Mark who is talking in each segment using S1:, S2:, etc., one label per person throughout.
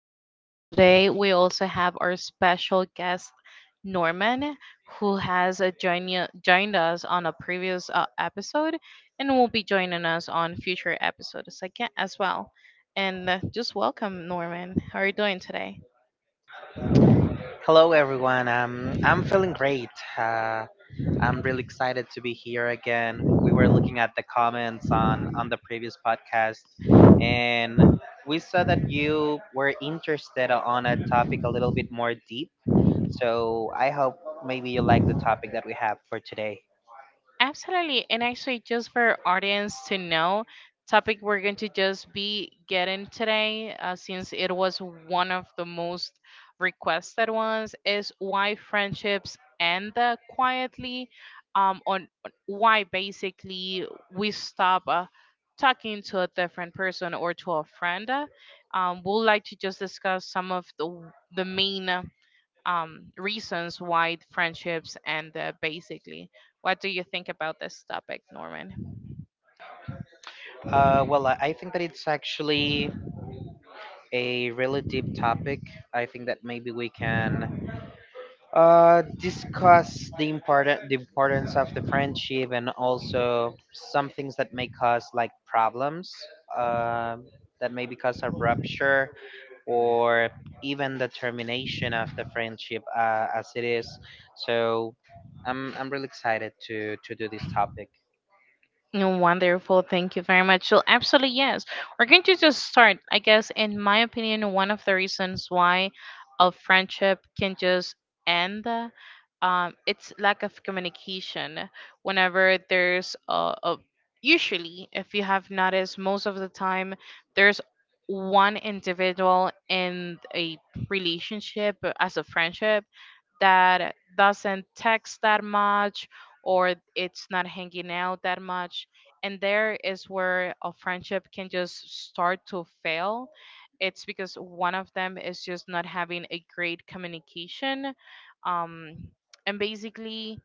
S1: Daniela, and today we also have our special guest, Norman, who has joined us on a previous episode and will be joining us on future episodes again as well. And just welcome, Norman. How are you doing today?
S2: Hello, everyone. I'm feeling great. Uh, I'm really excited to be here again. We were looking at the comments on the previous podcast, and we saw that you were interested on a topic a little bit more deep. So I hope maybe you like the topic that we have for today.
S1: Absolutely. And actually, just for audience to know, topic we're going to just be getting today, since it was one of the most requested ones, is why friendships end quietly. On why basically we stop talking to a different person or to a friend. We'd like to just discuss some of the main reasons why friendships end basically. What do you think about this topic, Norman?
S2: Well, I think that it's actually a really deep topic. I think that maybe we can discuss the importance of the friendship and also some things that may cause like problems, um that may be cause of rupture or even the termination of the friendship, as it is. So I'm really excited to do this topic.
S1: Mm, wonderful. Thank you very much. So, absolutely, yes. We're going to just start, I guess, in my opinion, one of the reasons why a friendship can just end. It's lack of communication. Whenever there's usually, if you have noticed, most of the time there's one individual in a relationship as a friendship that doesn't text that much or it's not hanging out that much. And there is where a friendship can just start to fail. It's because one of them is just not having a great communication. Um, and basically,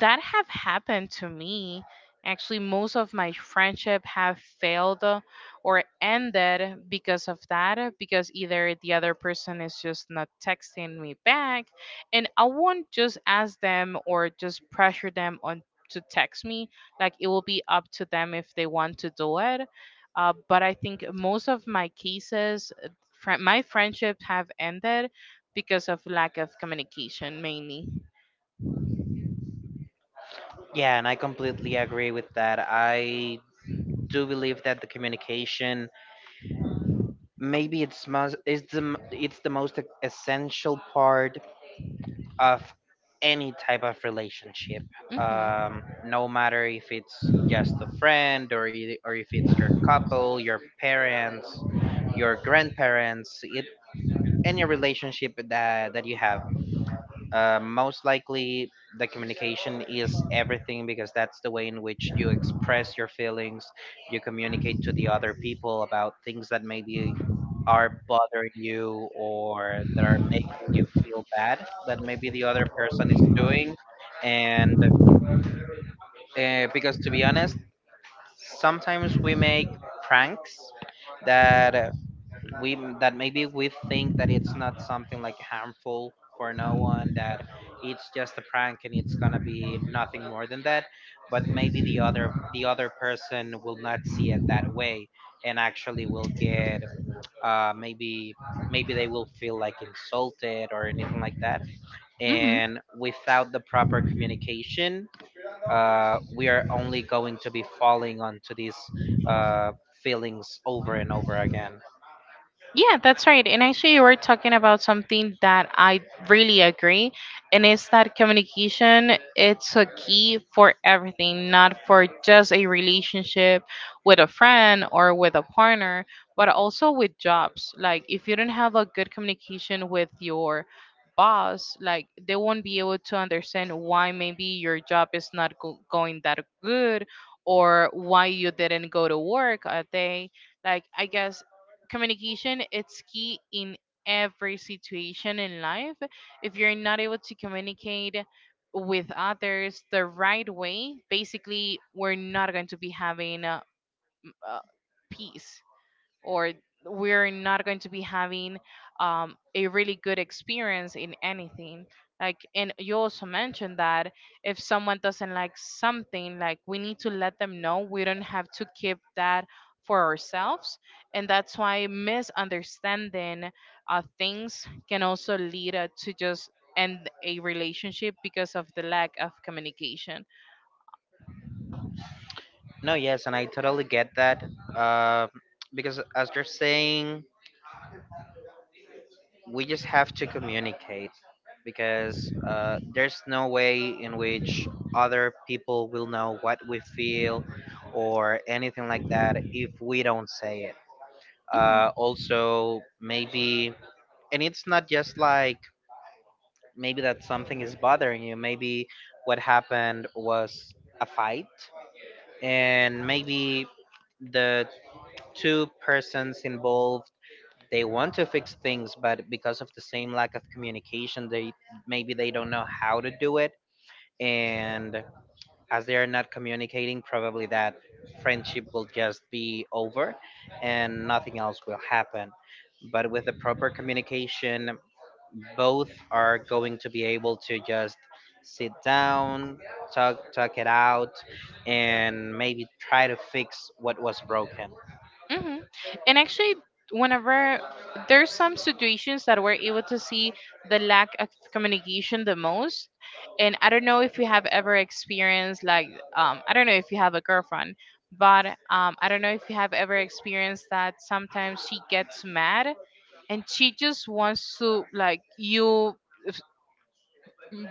S1: that have happened to me, actually. Most of my friendship have failed or ended because of that, because either the other person is just not texting me back, and I won't just ask them or just pressure them on to text me. Like, it will be up to them if they want to do it. But I think most of my cases, fri my friendships have ended because of lack of communication, mainly.
S2: Yeah, and I completely agree with that. I do believe that the communication, maybe it's most, it's it's the most essential part of any type of relationship.
S1: Mm-hmm.
S2: No matter if it's just a friend, or if it's your couple, your parents, your grandparents, any relationship that you have, most likely, the communication is everything, because that's the way in which you express your feelings, you communicate to the other people about things that maybe are bothering you or that are making you feel bad that maybe the other person is doing. And because to be honest, sometimes we make pranks that, we, that maybe we think that it's not something like harmful for no one, that it's just a prank and it's gonna be nothing more than that. But maybe the other person will not see it that way, and actually will get, maybe, maybe they will feel like insulted or anything like that.
S1: Hmm.
S2: And without the proper communication, we are only going to be falling onto these, uh, feelings over and over again.
S1: Yeah, that's right. And actually, you were talking about something that I really agree, and it's that communication. It's a key for everything, not for just a relationship with a friend or with a partner, but also with jobs. Like, if you don't have a good communication with your boss, like, they won't be able to understand why maybe your job is not going that good, or why you didn't go to work a day. Like, I guess communication it's key in every situation in life. If you're not able to communicate with others the right way, basically we're not going to be having uh, peace, or we're not going to be having a really good experience in anything. Like, and you also mentioned that if someone doesn't like something, like, we need to let them know. We don't have to keep that for ourselves, and that's why misunderstanding things can also lead to just end a relationship because of the lack of communication.
S2: No, yes, and I totally get that. Uh, because as you're saying, we just have to communicate, because there's no way in which other people will know what we feel or anything like that if we don't say it.
S1: Mhm.
S2: Also, maybe, and it's not just like maybe that something is bothering you. Maybe what happened was a fight, and maybe the two persons involved, they want to fix things, but because of the same lack of communication, they, maybe they don't know how to do it. And as they are not communicating, probably that friendship will just be over and nothing else will happen. But with the proper communication, both are going to be able to just sit down, talk it out, and maybe try to fix what was broken.
S1: Hmm. And actually, whenever there's some situations that we're able to see the lack of communication the most, and I don't know if you have ever experienced, like, I don't know if you have a girlfriend, but I don't know if you have ever experienced that sometimes she gets mad, and she just wants to, like, you f-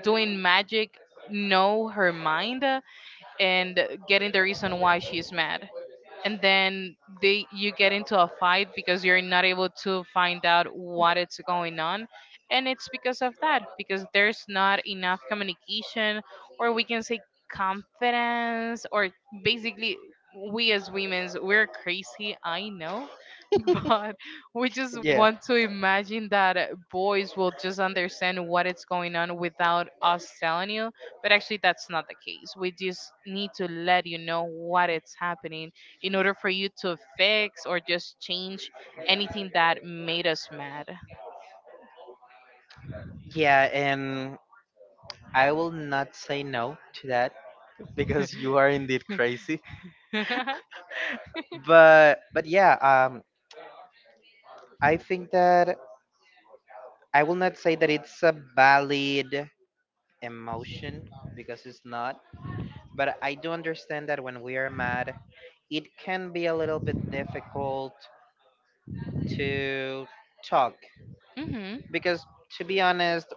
S1: doing magic, know her mind and getting the reason why she's mad, and then they, you get into a fight because you're not able to find out what it's going on. And it's because of that, because there's not enough communication, or we can say confidence, or basically, we as women's, we're crazy, I know. But we just want to imagine that boys will just understand what is going on without us telling you. But actually, that's not the case. We just need to let you know what it's happening in order for you to fix or just change anything that made us mad.
S2: Yeah, and I will not say no to that because you are indeed crazy. But yeah, I think that I will not say that it's a valid emotion, because it's not. But I do understand that when we are mad, it can be a little bit difficult to talk,
S1: Mhm.
S2: because to be honest,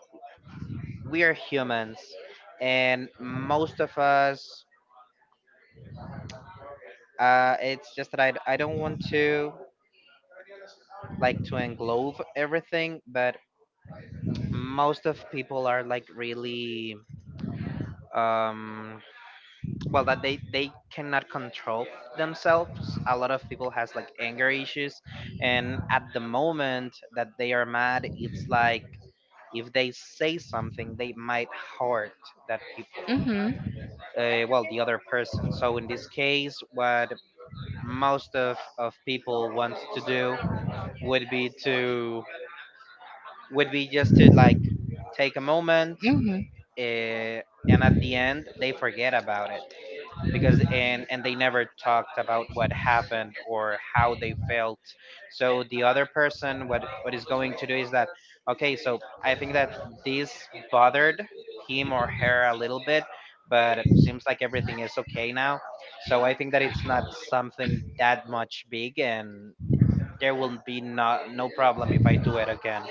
S2: we are humans, and most of us, it's just that I don't want to like to englobe everything, but most of people are like really, um well, that they cannot control themselves. A lot of people has like anger issues, and at the moment that they are mad, it's like if they say something they might hurt that people,
S1: Mm-hmm.
S2: well, the other person. So in this case, what most of people want to do would be to, would be just to like take a moment,
S1: Hmm.
S2: uh, and at the end they forget about it, because and they never talked about what happened or how they felt. So the other person, what is going to do is that, okay, so I think that this bothered him or her a little bit, but it seems like everything is okay now. So I think that it's not something that much big, and there will be no problem if I do it again.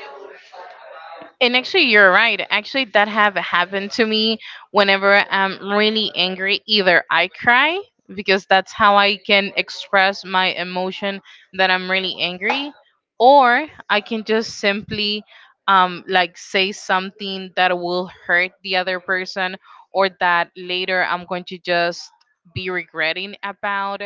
S1: And actually, you're right. Actually, that have happened to me. Whenever I'm really angry, either I cry because that's how I can express my emotion that I'm really angry, or I can just simply like, say something that will hurt the other person, or that later I'm going to just be regretting about.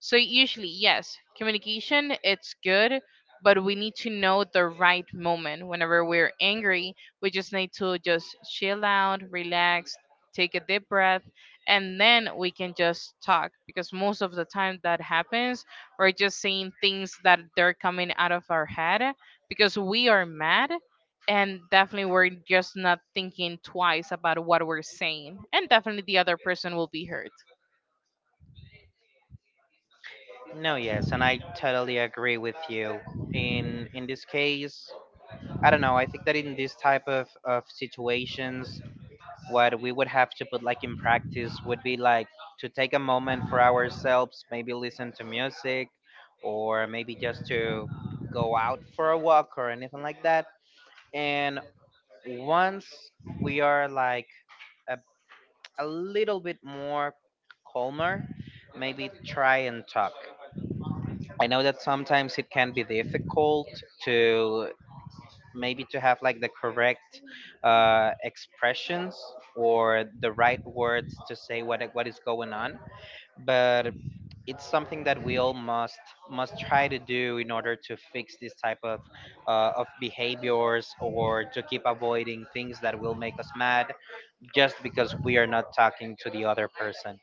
S1: So usually, yes, communication it's good, but we need to know the right moment. Whenever we're angry, we just need to just chill out, relax, take a deep breath, and then we can just talk, because most of the time that happens, we're just saying things that they're coming out of our head because we are mad, and definitely we're just not thinking twice about what we're saying, and definitely the other person will be hurt.
S2: No, yes, and I totally agree with you. In this case, I don't know. I think that in this type of situations, what we would have to put like in practice would be like to take a moment for ourselves, maybe listen to music, or maybe just to go out for a walk or anything like that. And once we are like a, a little bit more calmer, maybe try and talk. I know that sometimes it can be difficult to, maybe to have like the correct expressions or the right words to say what is going on. But it's something that we all must try to do in order to fix this type of, of behaviors, or to keep avoiding things that will make us mad just because we are not talking to the other person.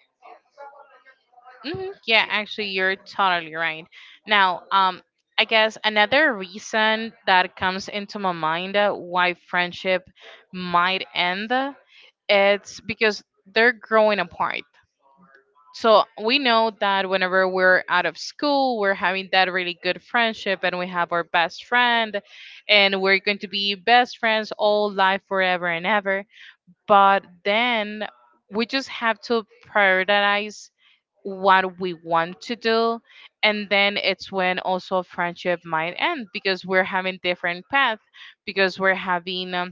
S1: Hmm. Yeah, actually, you're totally right. Now, I guess another reason that comes into my mind why friendship might end, it's because they're growing apart. So we know that whenever we're out of school, we're having that really good friendship, and we have our best friend, and we're going to be best friends all life, forever and ever. But then we just have to prioritize what we want to do, and then it's when also friendship might end because we're having different path, because we're having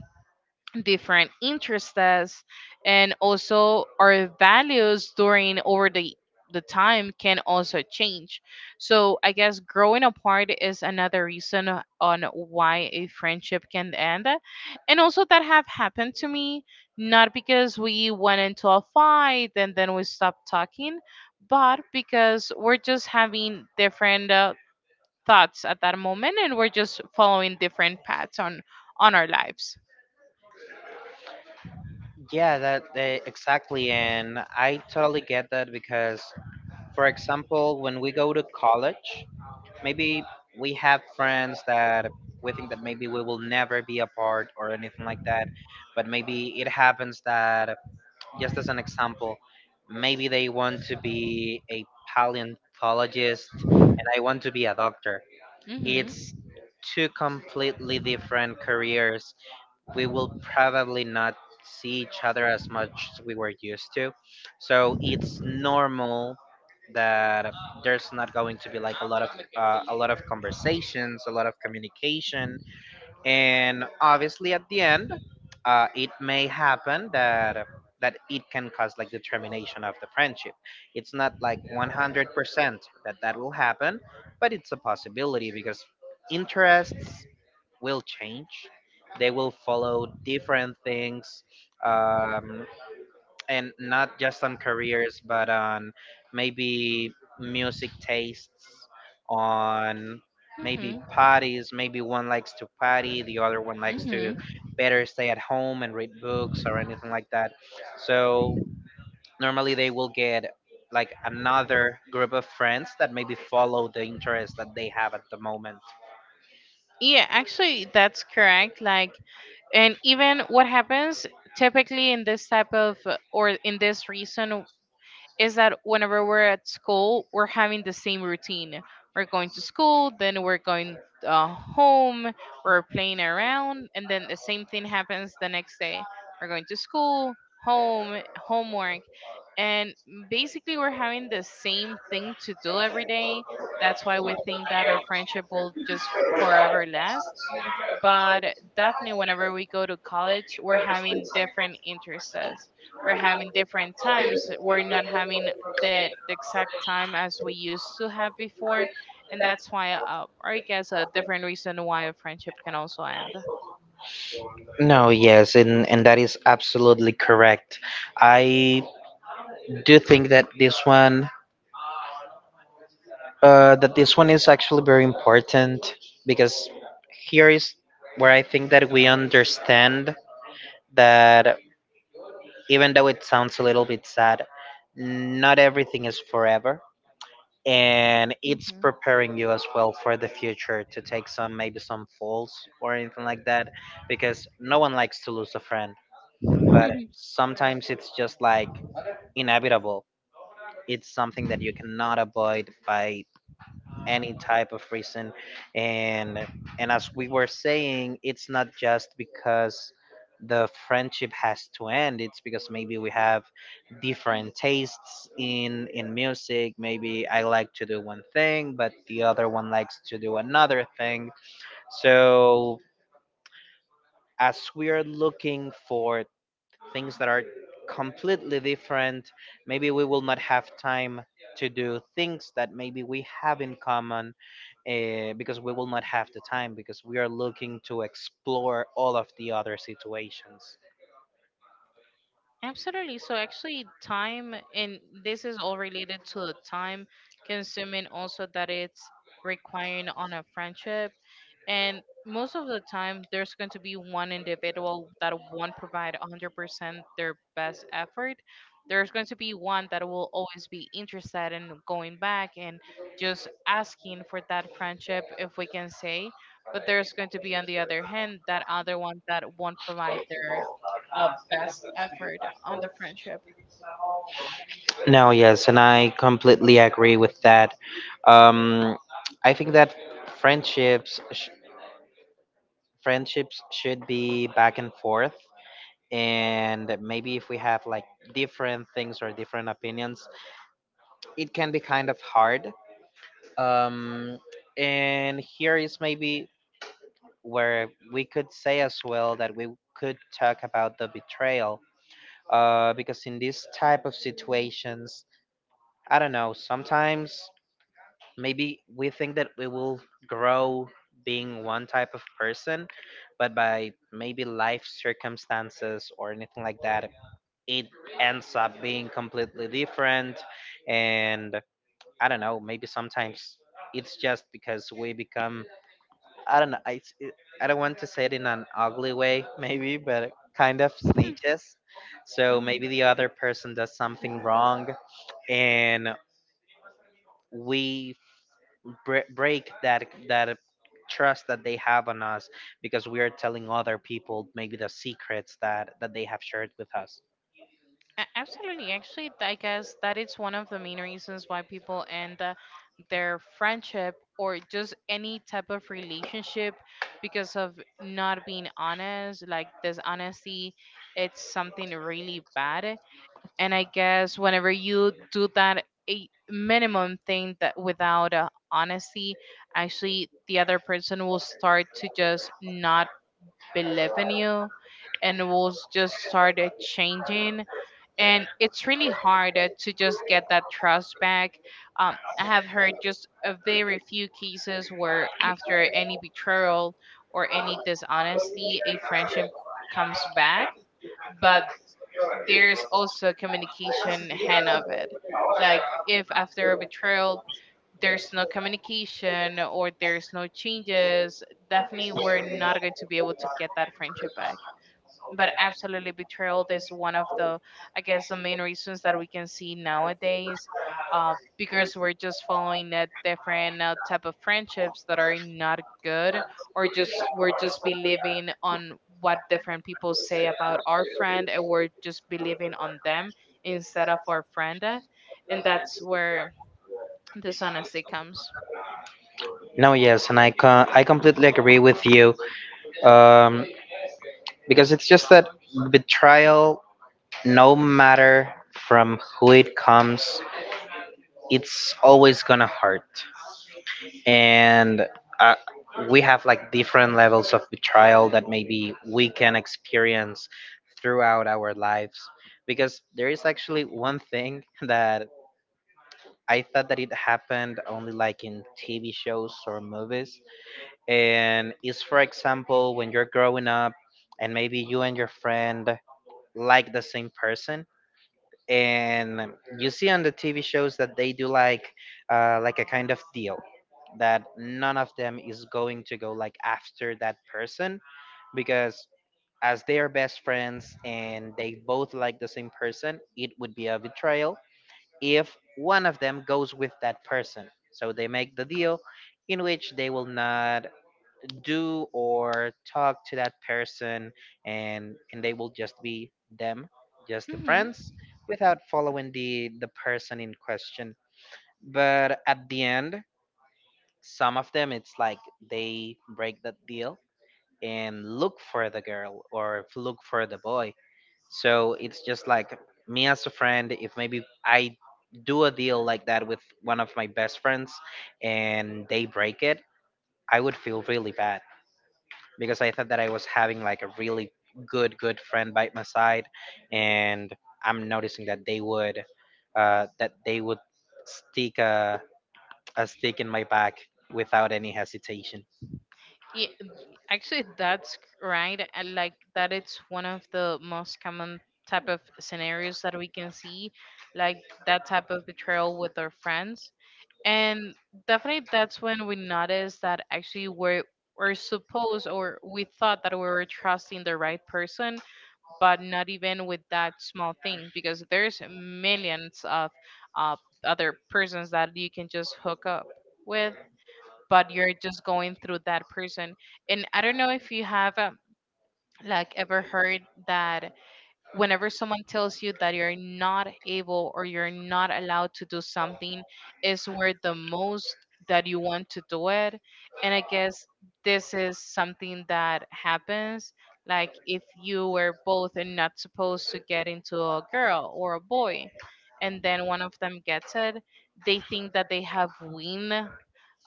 S1: different interests, and also our values during over the time can also change. So I guess growing apart is another reason on why a friendship can end. And also, that have happened to me, not because we went into a fight and then we stopped talking, but because we're just having different thoughts at that moment, and we're just following different paths on our lives.
S2: Yeah, exactly, and I totally get that. Because for example, when we go to college, maybe we have friends that we think that maybe we will never be apart or anything like that. But maybe it happens that, just as an example, maybe they want to be a paleontologist and I want to be a doctor.
S1: Mhm.
S2: It's two completely different careers. We will probably not see each other as much as we were used to. So it's normal that there's not going to be like a lot of, a lot of conversations, a lot of communication, and obviously at the end, it may happen that it can cause like the termination of the friendship. It's not like 100% that that will happen, but it's a possibility because interests will change, they will follow different things. um, and not just on careers, but on maybe music tastes, on maybe
S1: Mhm.
S2: parties. Maybe one likes to party, the other one likes to
S1: Mhm.
S2: better stay at home and read books or anything like that. So normally they will get like another group of friends that maybe follow the interest that they have at the moment.
S1: Yeah, actually, that's correct. Like, and even what happens typically in this type of or in this reason, is that whenever we're at school we're having the same routine. We're going to school, then we're going home, we're playing around, and then the same thing happens the next day. We're going to school, home, homework, and basically, we're having the same thing to do every day. That's why we think that our friendship will just forever last. But definitely, whenever we go to college, we're having different interests, we're having different times, we're not having the exact time as we used to have before. And that's why or I guess a different reason why a friendship can also end.
S2: No, yes, and that is absolutely correct. I do think that this one is actually very important, because here is where I think that we understand that, even though it sounds a little bit sad, not everything is forever, and it's preparing you as well for the future to take some, maybe some falls or anything like that, because no one likes to lose a friend, but sometimes it's just like inevitable. It's something that you cannot avoid by any type of reason. and and as we were saying, it's not just because the friendship has to end. It's because maybe we have different tastes in music. Maybe I like to do one thing, but the other one likes to do another thing. So as we are looking for things that are completely different, maybe we will not have time to do things that maybe we have in common, because we will not have the time, because we are looking to explore all of the other situations.
S1: Absolutely. So actually, time, and this is all related to the time consuming also that it's requiring on a friendship, and most of the time there's going to be one individual that won't provide 100% their best effort. There's going to be one that will always be interested in going back and just asking for that friendship, if we can say, but there's going to be, on the other hand, that other one that won't provide their best effort on the friendship.
S2: No, yes, and I completely agree with that. Um, I think that friendships sh- friendships should be back and forth. And maybe if we have like different things or different opinions, it can be kind of hard. Um, and here is maybe where we could say as well that we could talk about the betrayal. Because in these type of situations, I don't know, sometimes maybe we think that we will grow being one type of person, but by maybe life circumstances or anything like that, it ends up being completely different. And I don't know, maybe sometimes it's just because we become, I don't know. I don't want to say it in an ugly way, maybe, but kind of snitches. So maybe
S1: Mhm.
S2: the other person does something wrong, and we break that trust that they have on us, because we are telling other people maybe the secrets that they have shared with us.
S1: A- Absolutely. Actually, I guess that is one of the main reasons why people end their friendship or just any type of relationship, because of not being honest. Like, dishonesty, it's something really bad. And I guess whenever you do that, a minimum thing that without honesty, actually, the other person will start to just not been living you, and we'll just started changing, and it's really hard to just get that trust back. I have heard just a very few cases where after any betrayal or any dishonesty a friendship comes back, but there's also a communication hand of it. Like, if after a betrayal there's no communication or there's no changes, definitely we're not going to be able to get that friendship back. But absolutely, betrayal is one of the, I guess, the main reasons that we can see nowadays, because we're just following that different type of friendships that are not good, or just we're just believing on what different people say about our friend, and we're just believing on them instead of our friend, and that's where dishonesty comes.
S2: No, yes, and I completely agree with you. Um, because it's just that betrayal, no matter from who it comes, it's always gonna hurt. And uh, we have like different levels of betrayal that maybe we can experience throughout our lives, because there is actually one thing that I thought that it happened only like in TV shows or movies. And is for example when you're growing up and maybe you and your friend like the same person, and you see on the TV shows that they do like a kind of deal that none of them is going to go like after that person, because as they are best friends and they both like the same person, it would be a betrayal if one of them goes with that person. So they make the deal in which they will not do or talk to that person, and they will just be them, just the
S1: Hmm.
S2: friends, without following the person in question. But at the end, some of them it's like they break that deal and look for the girl or look for the boy. So it's just like, me as a friend, if maybe I do a deal like that with one of my best friends and they break it, I would feel really bad, because I thought that I was having like a really good friend by my side, and I'm noticing that they would stick a stick in my back without any hesitation.
S1: Yeah, actually, that's right. I like that it's one of the most common type of scenarios that we can see, like, that type of betrayal with our friends. And definitely that's when we notice that actually we're supposed, or we thought that we were trusting the right person, but not even with that small thing, because there's millions of uh, other persons that you can just hook up with, but you're just going through that person. And I don't know if you have like, ever heard that whenever someone tells you that you're not able or you're not allowed to do something is where the most that you want to do it. And I guess this is something that happens, like if you were both not supposed to get into a girl or a boy and then one of them gets it, they think that they have win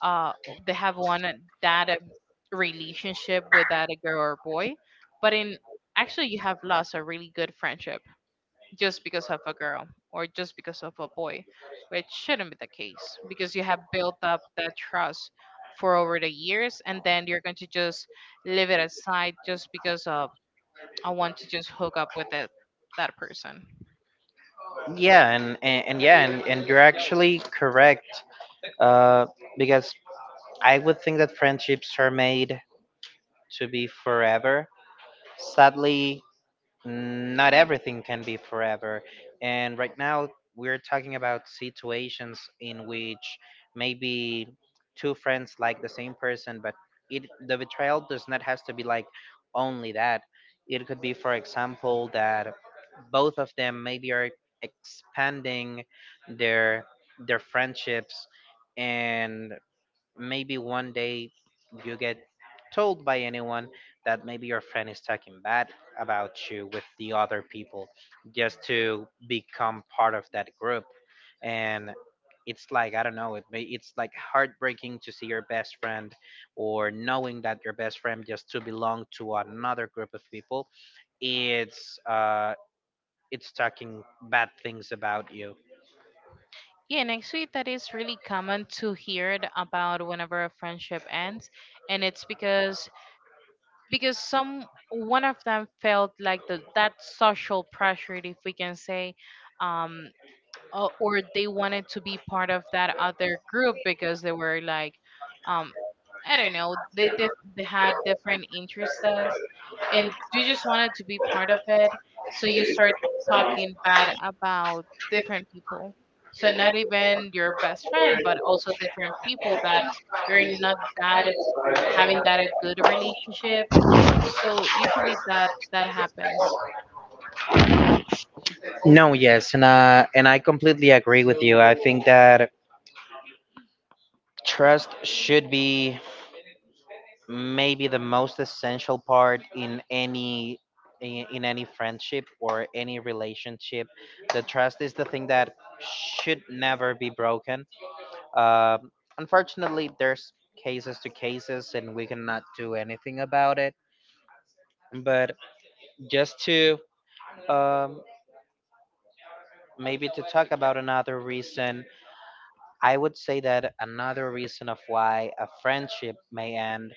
S1: uh they have one that relationship with that girl or boy, but in actually you have lost a really good friendship just because of a girl or just because of a boy, which shouldn't be the case because you have built up that trust for over the years and then you're going to just leave it aside just because of I want to just hook up with that person.
S2: And you're actually correct, uh, because I would think that friendships are made to be forever. Sadly, mm, not everything can be forever. And right now, we're talking about situations in which maybe two friends like the same person, but it the betrayal does not has to be like only that. It could be, for example, that both of them maybe are expanding their their friendships, and maybe one day you get told by anyone that maybe your friend is talking bad about you with the other people, just to become part of that group. And it's like, I don't know, it it's like heartbreaking to see your best friend, or knowing that your best friend, just to belong to another group of people, it's uh it's talking bad things about you.
S1: Yeah, and actually that is really common to hear it about whenever a friendship ends, and it's because some one of them felt like that social pressure, if we can say. um or they wanted to be part of that other group because they were like, um I don't know, they had different interests. And you just wanted to be part of it, so you start talking bad about different people, so not even your best friend but also different people that you're not that having that a good relationship. So usually that happens.
S2: No, yes, and I completely agree with you. I think that trust should be maybe the most essential part in any in any friendship or any relationship. The trust is the thing that should never be broken. Um, Unfortunately, there's cases to cases, and we cannot do anything about it. But just to um, maybe to talk about another reason, I would say that another reason of why a friendship may end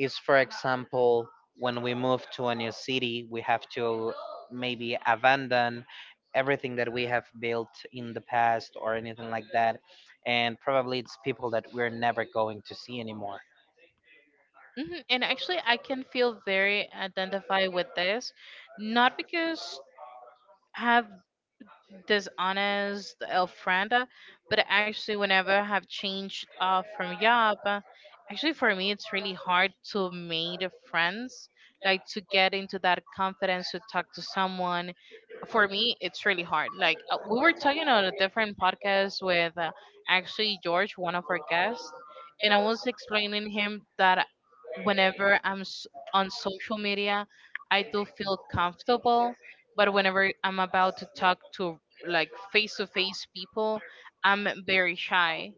S2: is, for example, when we move to a new city, we have to maybe abandon everything that we have built in the past or anything like that, and probably it's people that we're never going to see anymore.
S1: Hmm. And actually, I can feel very identified with this, not because I have Deshones, the El friend. But actually, whenever I have changed from job, actually for me it's really hard to make friends, like to get into that confidence to talk to someone. For me, it's really hard. Like, we were talking on a different podcast with, actually George, one of our guests, and I was explaining him that whenever I'm on social media, I do feel comfortable, but whenever I'm about to talk to, like, face to face people, I'm very shy.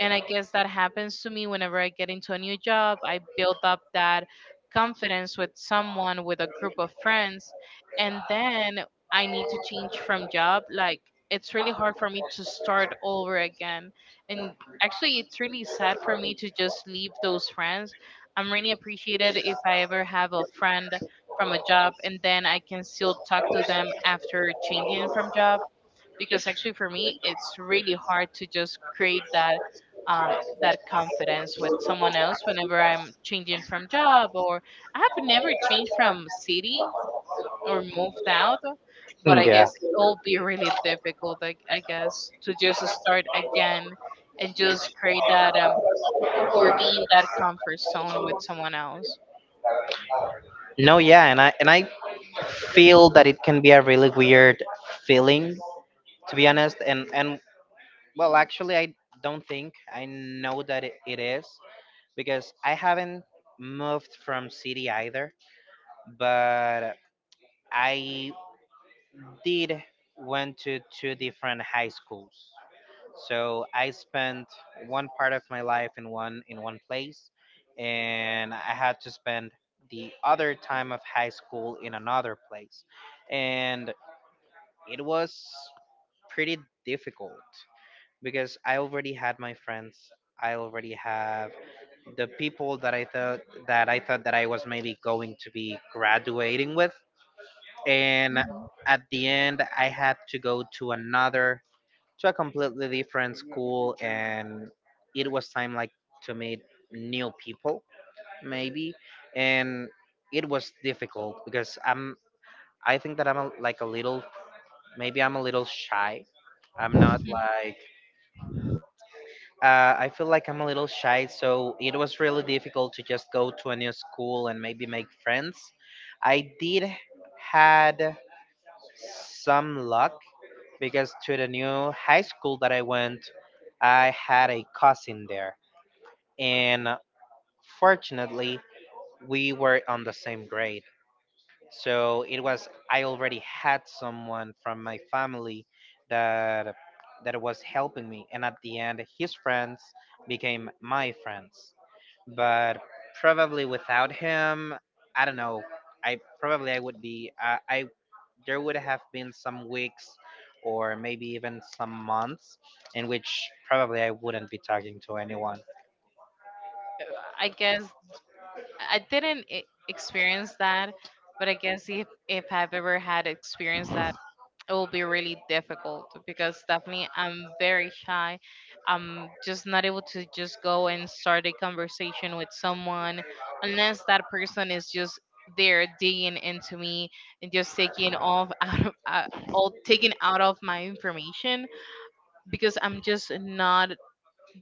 S1: And I guess that happens to me whenever I get into a new job. I build up that confidence with someone, with a group of friends. And then I need to change from job. Like, it's really hard for me to start over again. And actually, it's really sad for me to just leave those friends. I'm really appreciated if I ever have a friend from a job and then I can still talk to them after changing from job, because actually for me it's really hard to just create that, that confidence with someone else whenever I'm changing from job. Or I have never changed from city or moved out, but I guess
S2: Yeah.
S1: it will be really difficult. I guess to just start again and just create that, or be in that comfort zone with someone else.
S2: No, and I feel that it can be a really weird feeling, to be honest. And well, actually, I don't think, I know that it is, because I haven't moved from city either, but I did went to two different high schools. So I spent one part of my life in one place, and I had to spend the other time of high school in another place, and it was pretty difficult because I already had my friends. I already have the people that I thought that I thought that I was maybe going to be graduating with, and at the end I had to go to another, to a completely different school, and it was time like to meet new people maybe, and it was difficult because I think that I'm a, like a little, maybe I'm a little shy. I'm not like I feel like I'm a little shy, so it was really difficult to just go to a new school and maybe make friends. I did had some luck because, to the new high school that I went, I had a cousin there, and fortunately, we were on the same grade. So it was, I already had someone from my family that was helping me, and at the end, his friends became my friends. But probably without him, I don't know. I probably I would be. I there would have been some weeks, or maybe even some months, in which probably I wouldn't be talking to anyone.
S1: I guess I didn't experience that, but I guess if I've ever had experienced that, it will be really difficult because definitely I'm very shy. I'm just not able to just go and start a conversation with someone unless that person is just there digging into me and just taking off out of all taking out of my information, because I'm just not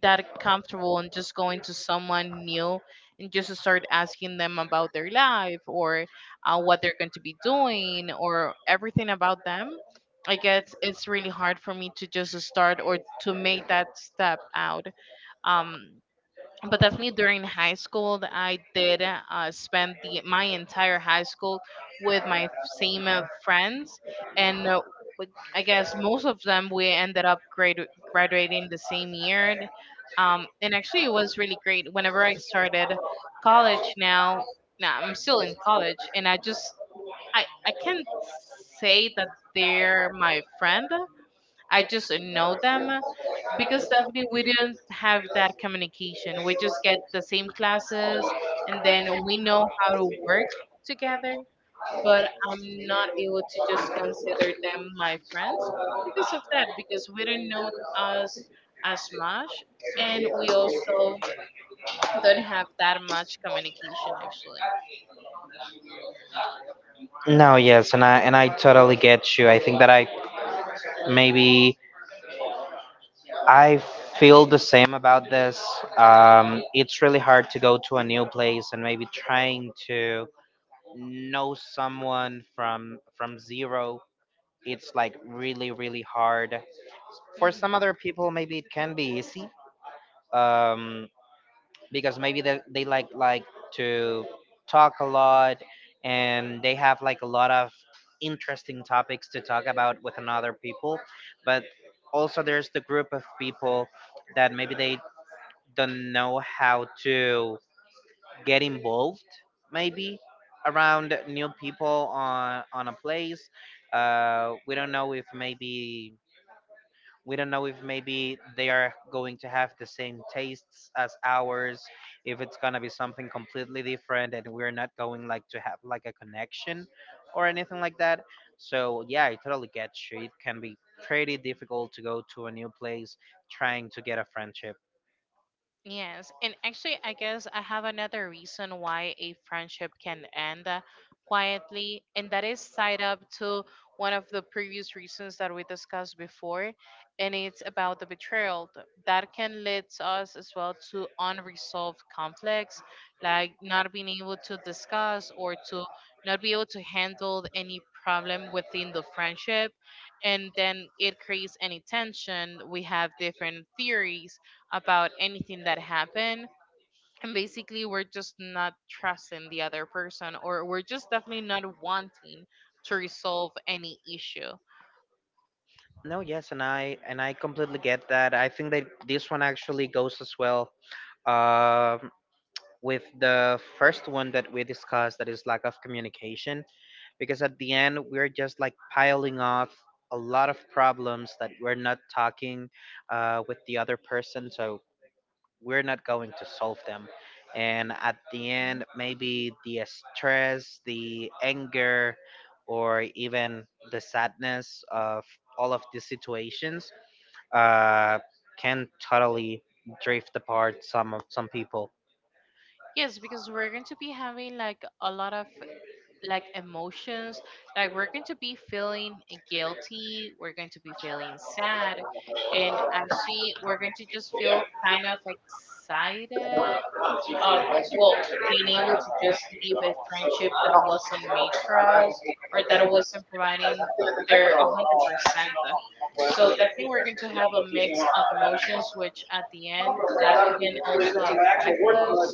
S1: that comfortable in just going to someone new and just to start asking them about their life, or what they're going to be doing or everything about them. I guess it's really hard for me to just start or to make that step out. Um, but definitely during high school, that I did spend the my entire high school with my same friends, and like, I guess most of them we ended up graduating the same year. And actually it was really great whenever I started college. Now, now I'm still in college, and I just, I can't say that they're my friend. I just know them, because definitely we didn't have that communication. We just get the same classes and then we know how to work together, but I'm not able to just consider them my friends because of that, because we don't know us as much, and we also don't have that much communication actually.
S2: No, yes, and I totally get you. I think that I maybe I feel the same about this. It's really hard to go to a new place and maybe trying to know someone from zero. It's like really really hard. For some
S1: Mm-hmm.
S2: other people maybe it can be easy. um because maybe they like to talk a lot, and they have like a lot of interesting topics to talk about with another people. But also there's the group of people that maybe they don't know how to get involved, maybe around new people on a place. uh, we don't know if maybe we don't know if maybe they are going to have the same tastes as ours, if it's going to be something completely different and we're not going like to have like a connection or anything like that. So yeah, I totally get you. It can be pretty difficult to go to a new place trying to get a friendship.
S1: Yes, and actually, I guess I have another reason why a friendship can end quietly, and that is tied up to one of the previous reasons that we discussed before, and it's about the betrayal that can lead us as well to unresolved conflicts, like not being able to discuss or to not be able to handle any problem within the friendship, and then it creates any tension. We have different theories about anything that happened. And basically, we're just not trusting the other person, or we're just definitely not wanting to resolve any issue.
S2: No, yes, and I completely get that. I think that this one actually goes as well um with the first one that we discussed, that is lack of communication, because at the end we're just like piling off a lot of problems that we're not talking with the other person, so we're not going to solve them, and at the end
S1: Mhm.
S2: maybe the stress, the anger, or even the sadness of all of these situations uh, can totally drift apart some of some people.
S1: Yes, because we're going to be having like a lot of like emotions. Like we're going to be feeling guilty. We're going to be feeling sad, and actually, we're going to just feel kind of excited of, well, being able to just leave a friendship that wasn't made for us or that wasn't providing their 100%. So definitely we're going to have a mix of emotions, which at the end that can also affect us,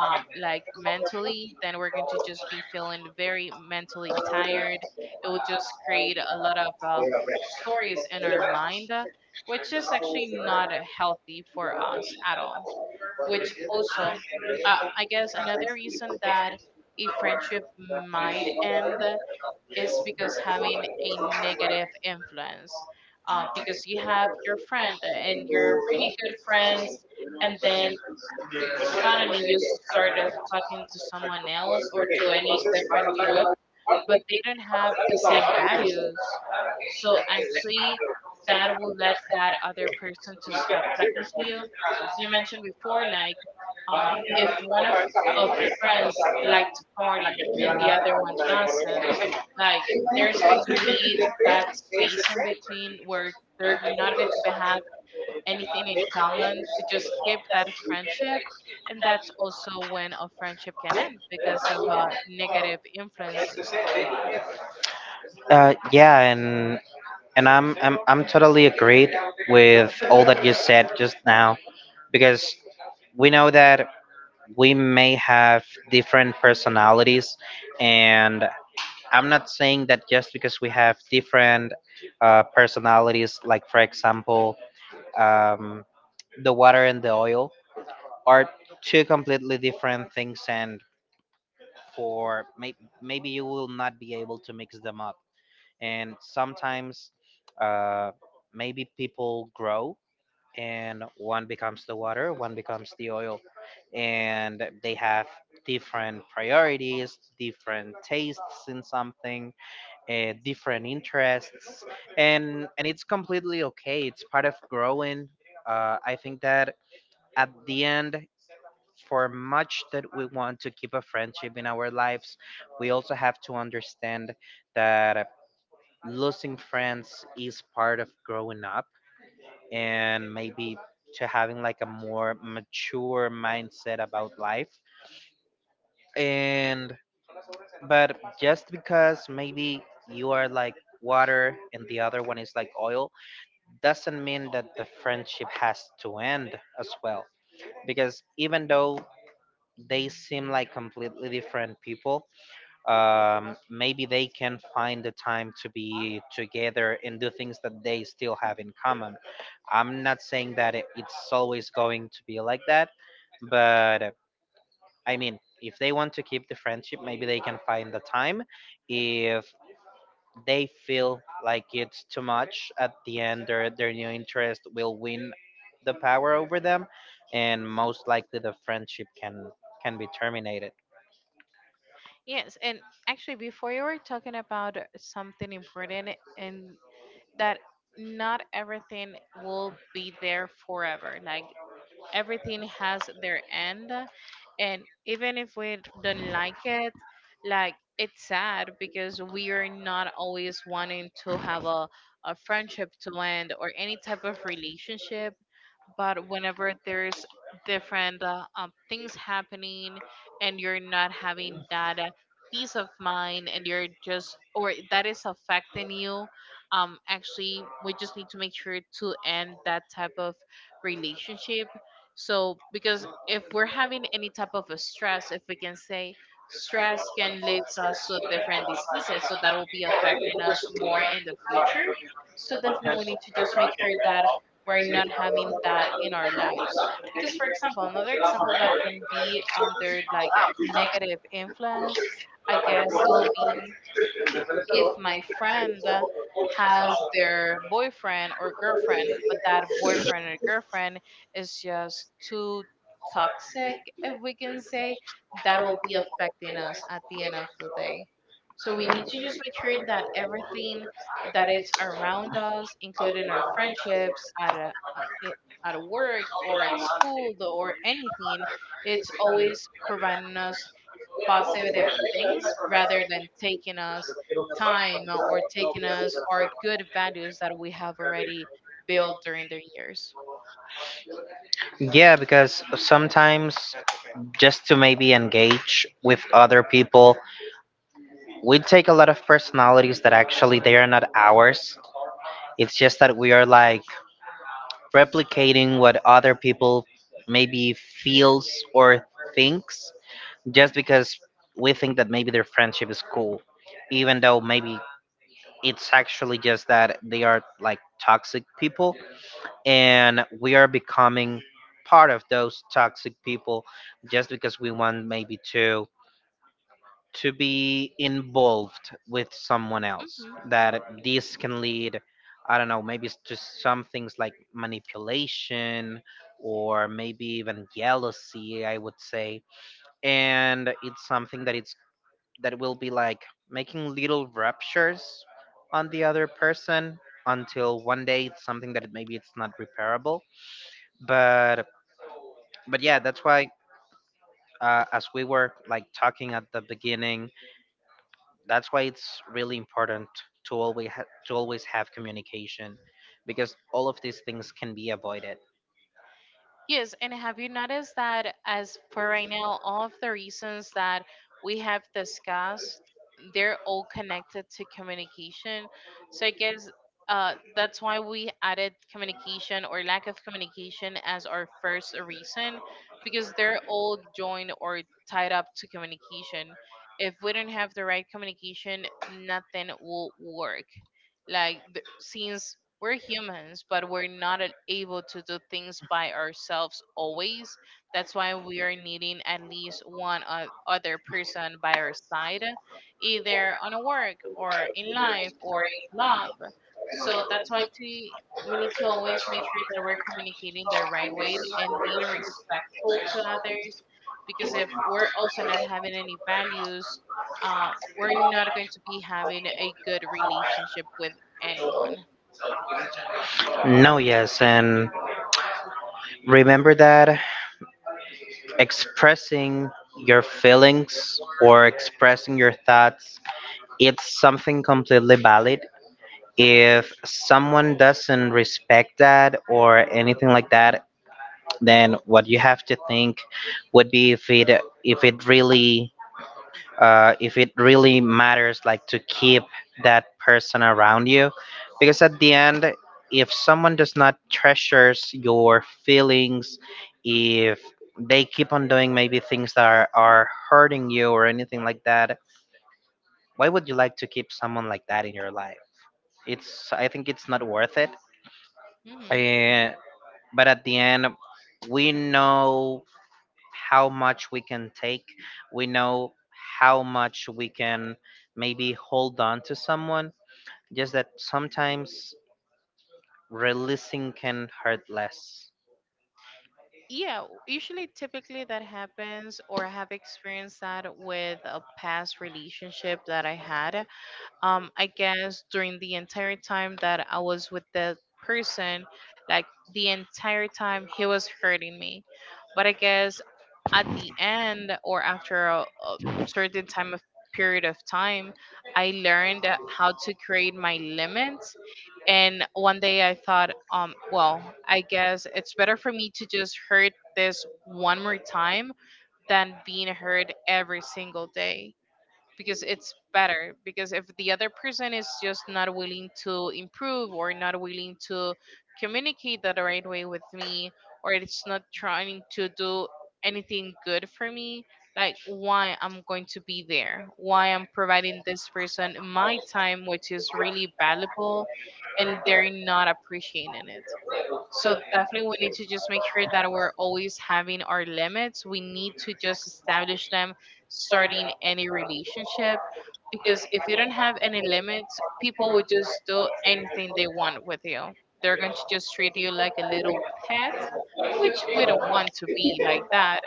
S1: like mentally. Then we're going to just be feeling very mentally tired. It will just create a lot of stories in our mind, which is actually not healthy for us at all. Which also, I guess another reason that a friendship might end is because having a negative influence. Because you have your friend and you're really good friends, and then suddenly you start talking to someone else or to any different group, but they don't have the same values. So actually, that will let that other person to stop talking to you. You mentioned before, like, if one of the friends like to party and the other one doesn't, like, there's going to be that space in between where they're not going have anything in common to just keep that friendship. And that's also when a friendship can end, because of negative influences.
S2: Yeah, and I'm totally agreed with all that you said just now, because we know that we may have different personalities, and I'm not saying that just because we have different personalities, like for example, um, the water and the oil are two completely different things, and for maybe you will not be able to mix them up, and sometimes uh, maybe people grow, and one becomes the water, one becomes the oil. And they have different priorities, different tastes in something, different interests, and it's completely okay. It's part of growing. I think that at the end, for much that we want to keep a friendship in our lives, we also have to understand that losing friends is part of growing up, and maybe to having like a more mature mindset about life. And but just because maybe you are like water and the other one is like oil doesn't mean that the friendship has to end as well, because even though they seem like completely different people, maybe they can find the time to be together and do things that they still have in common. I'm not saying that it's always going to be like that, but I mean, if they want to keep the friendship, maybe they can find the time. If they feel like it's too much, at the end their new interest will win the power over them, and most likely the friendship can be terminated.
S1: Yes, and actually, before you were talking about something important, and that not everything will be there forever. Like everything has their end, and even if we don't like it, like it's sad because we are not always wanting to have a friendship to end or any type of relationship. But whenever there's different things happening and you're not having that peace of mind, and you're just, or that is affecting you, actually we just need to make sure to end that type of relationship. So, because if we're having any type of a stress, if we can say, stress can lead us to different diseases, so that will be affecting us more in the future. So, definitely, we need to just make sure that we're not having that in our lives. Because, for example, another example that can be under like a negative influence, I guess it will be if my friend has their boyfriend or girlfriend, but that boyfriend or girlfriend is just too toxic, if we can say, that will be affecting us at the end of the day. So we need to just make sure that everything that it's around us, including our friendships at a, at a work or at school or anything, it's always providing us positive things rather than taking us time or taking us our good values that we have already built during the years.
S2: Yeah, because sometimes, just to maybe engage with other people, we take a lot of personalities that actually they are not ours. It's just that we are like replicating what other people maybe feels or thinks, just because we think that maybe their friendship is cool, even though maybe it's actually just that they are like toxic people, and we are becoming part of those toxic people just because we want maybe to be involved with someone else,
S1: Hmm.
S2: that this can lead, I don't know, maybe it's just some things like manipulation or maybe even jealousy I would say. And it's something that it's that will be like making little ruptures on the other person until one day it's something that maybe it's not repairable. But but yeah, that's why, as we were like talking at the beginning, that's why it's really important to always to always have communication, because all of these things can be avoided.
S1: Yes, and have you noticed that as for right now, all of the reasons that we have discussed, they're all connected to communication. So I guess, that's why we added communication or lack of communication as our first reason, because they're all joined or tied up to communication. If we don't have the right communication, nothing will work. Like, since we're humans, but we're not able to do things by ourselves always. That's why we are needing at least one other person by our side, either on a work or in life or in love. So that's why to, we need to always make sure that we're communicating the right way and being respectful to others. Because if we're also not having any values, we're not going to be having a good relationship with anyone.
S2: No, yes, and remember that expressing your feelings or expressing your thoughts, it's something completely valid. If someone doesn't respect that or anything like that, then what you have to think would be if it really, if it really matters like to keep that person around you. Because at the end, if someone does not treasures your feelings, if they keep on doing maybe things that are hurting you or anything like that, why would you like to keep someone like that in your life? It's I think it's not worth it.
S1: Hmm.
S2: Eh, but at the end, we know how much we can take. We know how much we can maybe hold on to someone. Just that sometimes releasing can hurt less.
S1: Yeah, usually typically that happens, or I have experienced that with a past relationship that I had. I guess during the entire time that I was with the person, like the entire time he was hurting me. But I guess at the end or after a certain time of period of time, I learned how to create my limits. And one day I thought, well, I guess it's better for me to just hurt this one more time than being hurt every single day. Because it's better, because if the other person is just not willing to improve or not willing to communicate that the right way with me, or it's not trying to do anything good for me, like why I'm going to be there? Why I'm providing this person my time, which is really valuable, and they're not appreciating it? So definitely we need to just make sure that we're always having our limits. We need to just establish them starting any relationship, because if you don't have any limits, people will just do anything they want with you. They're going to just treat you like a little pet, which we don't want to be like that.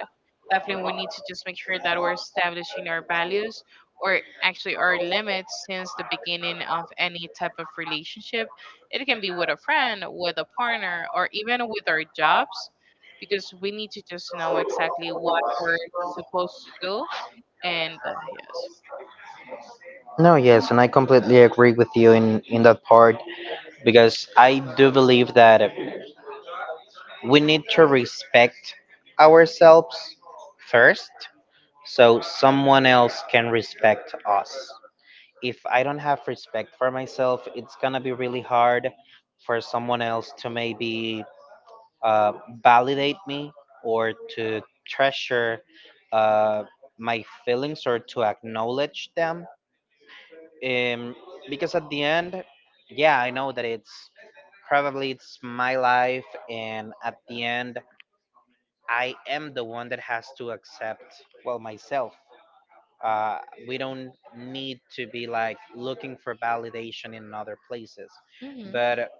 S1: Definitely we need to just make sure that we're establishing our values, or actually our limits, since the beginning of any type of relationship. It can be with a friend, with a partner, or even with our jobs, because we need to just know exactly what we're supposed to do. And yes.
S2: No, yes, and I completely agree with you in that part. Because I do believe that we need to respect ourselves first, so someone else can respect us. If I don't have respect for myself, it's gonna be really hard for someone else to maybe uh, validate me, or to treasure uh, my feelings, or to acknowledge them. Um, because at the end, yeah, I know that it's probably it's my life, and at the end, I am the one that has to accept well myself. uh, we don't need to be like looking for validation in other places,
S1: Hmm.
S2: but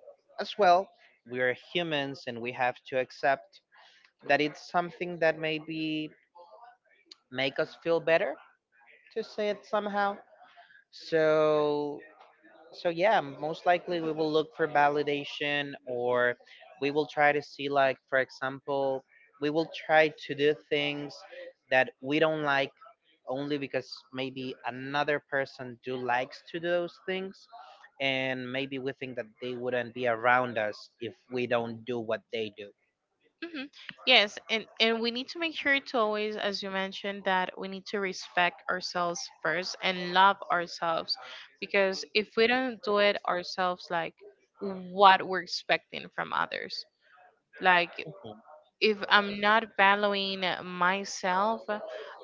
S2: as well we are humans and we have to accept that it's something that maybe make us feel better, to say it somehow, so so yeah, most likely we will look for validation, or we will try to see, like, for example, we will try to do things that we don't like only because maybe another person do likes to do those things, and maybe we think that they wouldn't be around us if we don't do what they do.
S1: Hmm. Yes, and we need to make sure to always, as you mentioned, that we need to respect ourselves first and love ourselves, because if we don't do it ourselves, like what we're expecting from others, like
S2: Mhm.
S1: if I'm not valuing myself,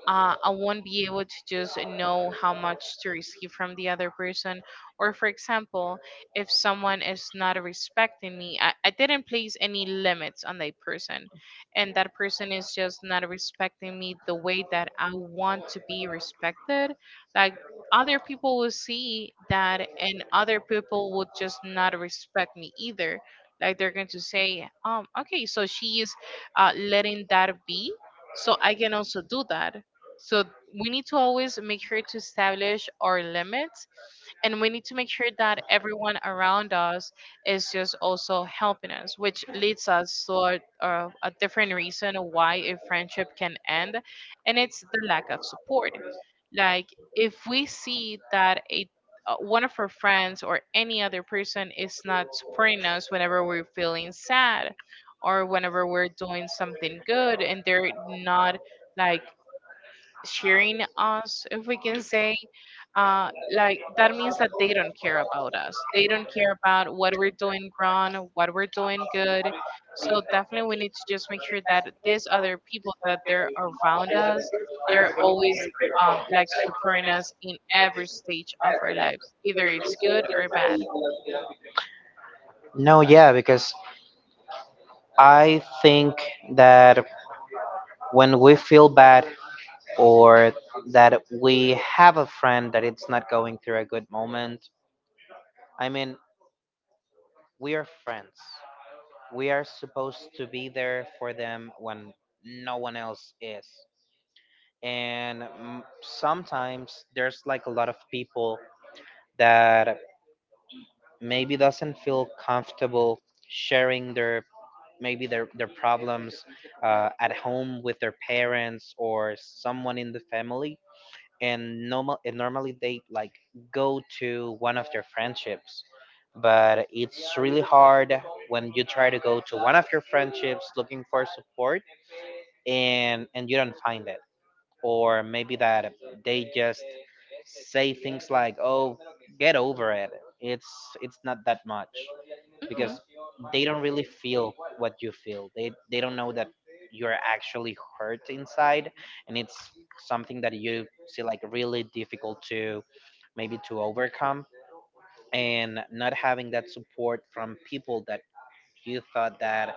S1: I won't be able to just know how much to receive from the other person. Or, for example, if someone is not respecting me, I didn't place any limits on that person, and that person is just not respecting me the way that I want to be respected, like other people will see that, and other people would just not respect me either, like they're going to say, okay, so she is, letting that be. So I can also do that. So we need to always make sure to establish our limits, and we need to make sure that everyone around us is just also helping us, which leads us to a different reason why a friendship can end, and it's the lack of support. Like if we see that a, one of our friends or any other person is not supporting us whenever we're feeling sad, or whenever we're doing something good and they're not, like, sharing us, if we can say, uh, like, that means that they don't care about us. They don't care about what we're doing wrong, what we're doing good. So definitely we need to just make sure that these other people that they're around us, they're always, like, supporting us in every stage of our lives, either it's good or bad.
S2: No, yeah, because I think that when we feel bad, or that we have a friend that it's not going through a good moment, I mean, we are friends. We are supposed to be there for them when no one else is. And sometimes there's like a lot of people that maybe doesn't feel comfortable sharing their maybe their problems at home with their parents or someone in the family, and normally they like go to one of their friendships, but it's really hard when you try to go to one of your friendships looking for support, and you don't find it, or maybe that they just say things like, oh, get over it, it's it's not that much,
S1: Hmm.
S2: because they don't really feel what you feel. They don't know that you're actually hurt inside, and it's something that you see like really difficult to maybe to overcome. And not having that support from people that you thought that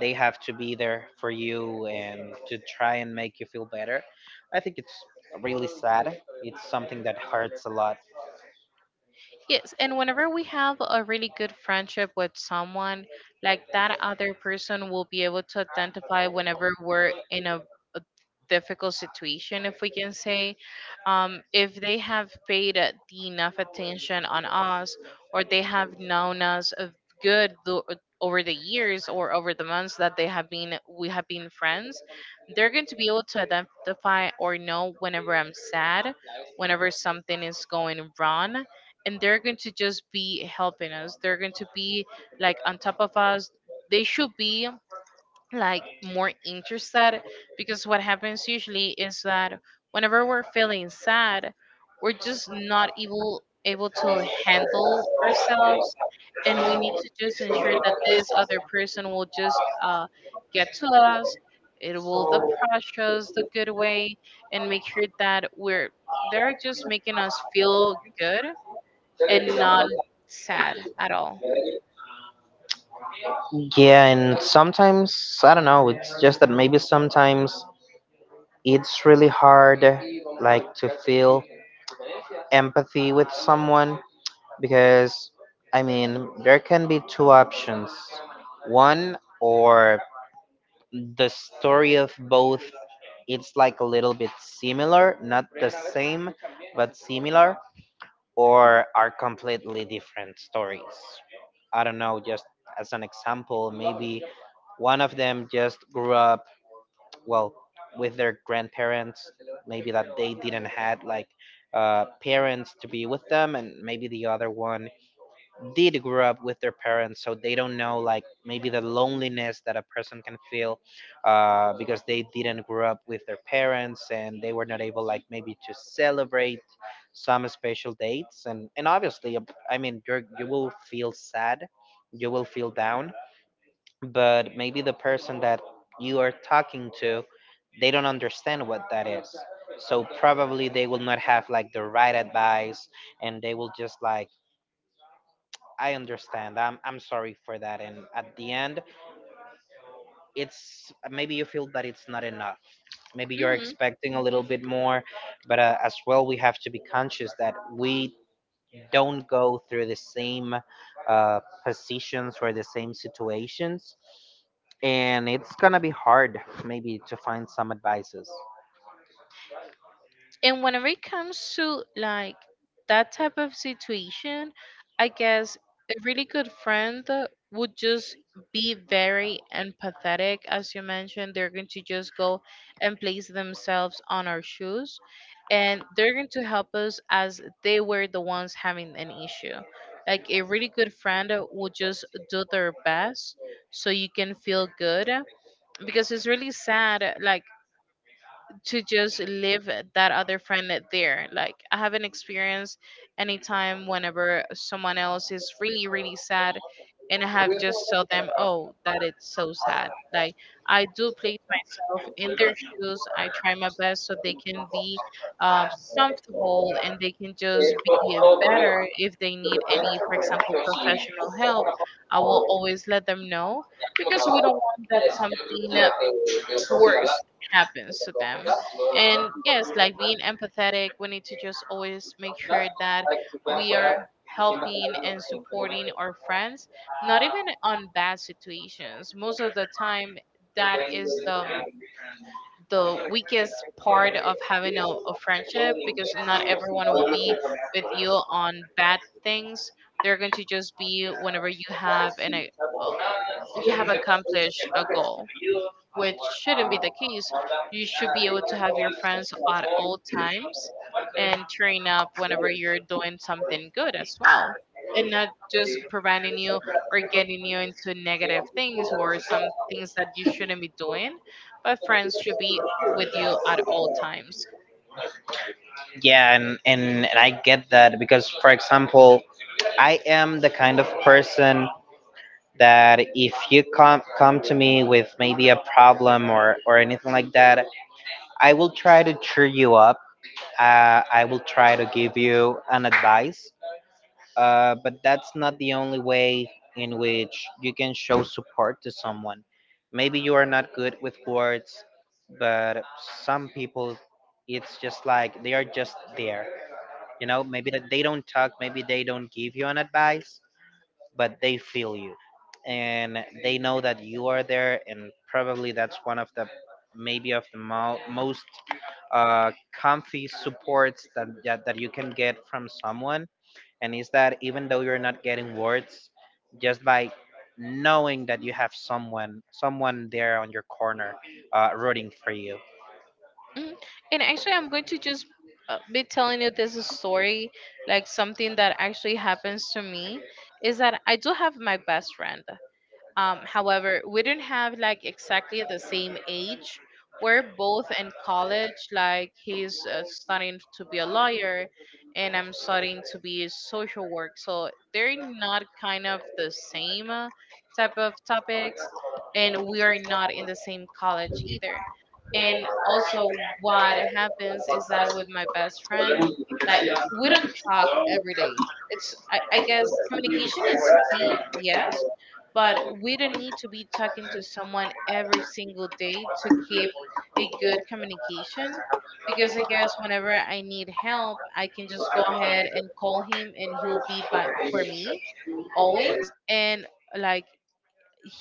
S2: they have to be there for you and to try and make you feel better, I think it's really sad. It's something that hurts a lot.
S1: Yes, and whenever we have a really good friendship with someone, like that other person will be able to identify whenever we're in a difficult situation, if we can say. Um, if they have paid the enough attention on us, or they have known us of good tho- over the years or over the months that they have been, we have been friends, they're going to be able to identify or know whenever I'm sad, whenever something is going wrong, and they're going to just be helping us. They're going to be like on top of us. They should be like more interested, because what happens usually is that whenever we're feeling sad, we're just not able to handle ourselves, and we need to just ensure that this other person will just, get to us. It will approach us the good way and make sure that we're, they're just making us feel good and not sad at all.
S2: Yeah, and sometimes I don't know. It's just that maybe sometimes it's really hard like to feel empathy with someone, because I mean there can be two options: one, or the story of both it's like a little bit similar, not the same but similar, or are completely different stories. I don't know, just as an example, maybe one of them just grew up well with their grandparents, maybe that they didn't had like parents to be with them, and maybe the other one did grow up with their parents, so they don't know like maybe the loneliness that a person can feel because they didn't grow up with their parents, and they were not able like maybe to celebrate some special dates, and obviously, I mean you will feel sad, you will feel down, but maybe the person that you are talking to, they don't understand what that is, so probably they will not have like the right advice, and they will just like, I understand, I'm sorry for that, and at the end, it's maybe you feel that it's not enough, maybe you're
S1: Hmm.
S2: expecting a little bit more. But as well, we have to be conscious that we don't go through the same uh, positions or the same situations, and it's gonna be hard maybe to find some advices.
S1: And whenever it comes to like that type of situation, I guess a really good friend would just be very empathetic. As you mentioned, they're going to just go and place themselves on our shoes, and they're going to help us as they were the ones having an issue. Like a really good friend would just do their best so you can feel good, because it's really sad, like, to just leave that other friend that there. Like I haven't experienced any time whenever someone else is really, really sad and I have just told them, oh, that it's so sad. Like, I do place myself in their shoes. I try my best so they can be, um, comfortable, and they can just be better. If they need any, for example, professional help, I will always let them know, because we don't want that something worst happens to them. And yes, like being empathetic, we need to just always make sure that we are helping and supporting our friends, not even on bad situations. Most of the time, that is the, the weakest part of having a friendship, because not everyone will be with you on bad things. They're going to just be whenever you have an a, uh, you have accomplished a goal, which shouldn't be the case. You should be able to have your friends at all times and turning up whenever you're doing something good as well. And not just providing you or getting you into negative things or some things that you shouldn't be doing, but friends should be with you at all times.
S2: Yeah, and I get that, because for example, I am the kind of person that if you come to me with maybe a problem, or anything like that, I will try to cheer you up. I will try to give you an advice. But that's not the only way in which you can show support to someone. Maybe you are not good with words, but some people, it's just like they are just there. You know, maybe that they don't talk, maybe they don't give you an advice, but they feel you, and they know that you are there, and probably that's one of the maybe of the mo- most uh, comfy supports that you can get from someone, and it's that even though you're not getting words, just by knowing that you have someone there on your corner, rooting for you.
S1: Mhm. And actually, I'm going to just, be telling you this story, like something that actually happens to me, is that I do have my best friend. However, we didn't have like exactly the same age. We're both in college. Like he's, studying to be a lawyer, and I'm studying to be a social work. So they're not kind of the same, type of topics, and we are not in the same college either. And also, what happens is that with my best friend, like, we don't talk every day. It's, I guess communication is key, yes, but we don't need to be talking to someone every single day to keep a good communication, because I guess whenever I need help I can just go ahead and call him and he'll be by for me always. And like,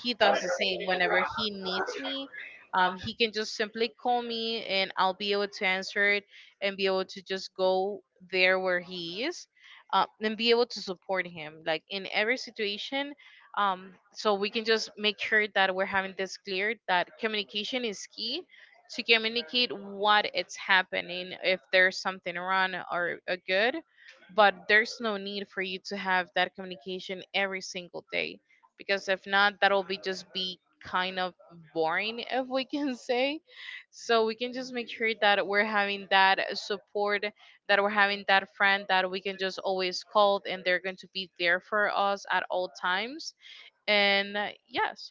S1: he does the same whenever he needs me. He can just simply call me and I'll be able to answer it and be able to just go there where he is, and be able to support him like in every situation. So we can just make sure that we're having this clear, that communication is key to communicate what it's happening if there's something wrong or a good, but there's no need for you to have that communication every single day, because if not, that'll be just be kind of boring if we can say. So we can just make sure that we're having that support, that we're having that friend that we can just always call and they're going to be there for us at all times. And yes.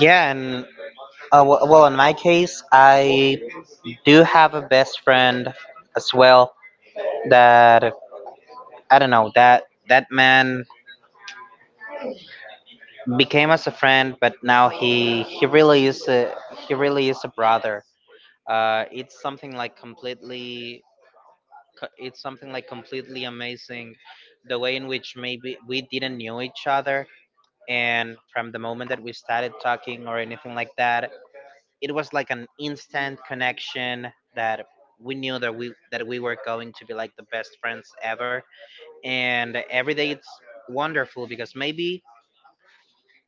S2: Yeah, and well, in my case, I do have a best friend as well, that I don't know, that that man became as a friend, but now he really is a, he really is a brother. It's something like completely it's something like completely amazing the way in which maybe we didn't know each other, and from the moment that we started talking or anything like that, it was like an instant connection, that we knew that we were going to be like the best friends ever. And every day it's wonderful, because maybe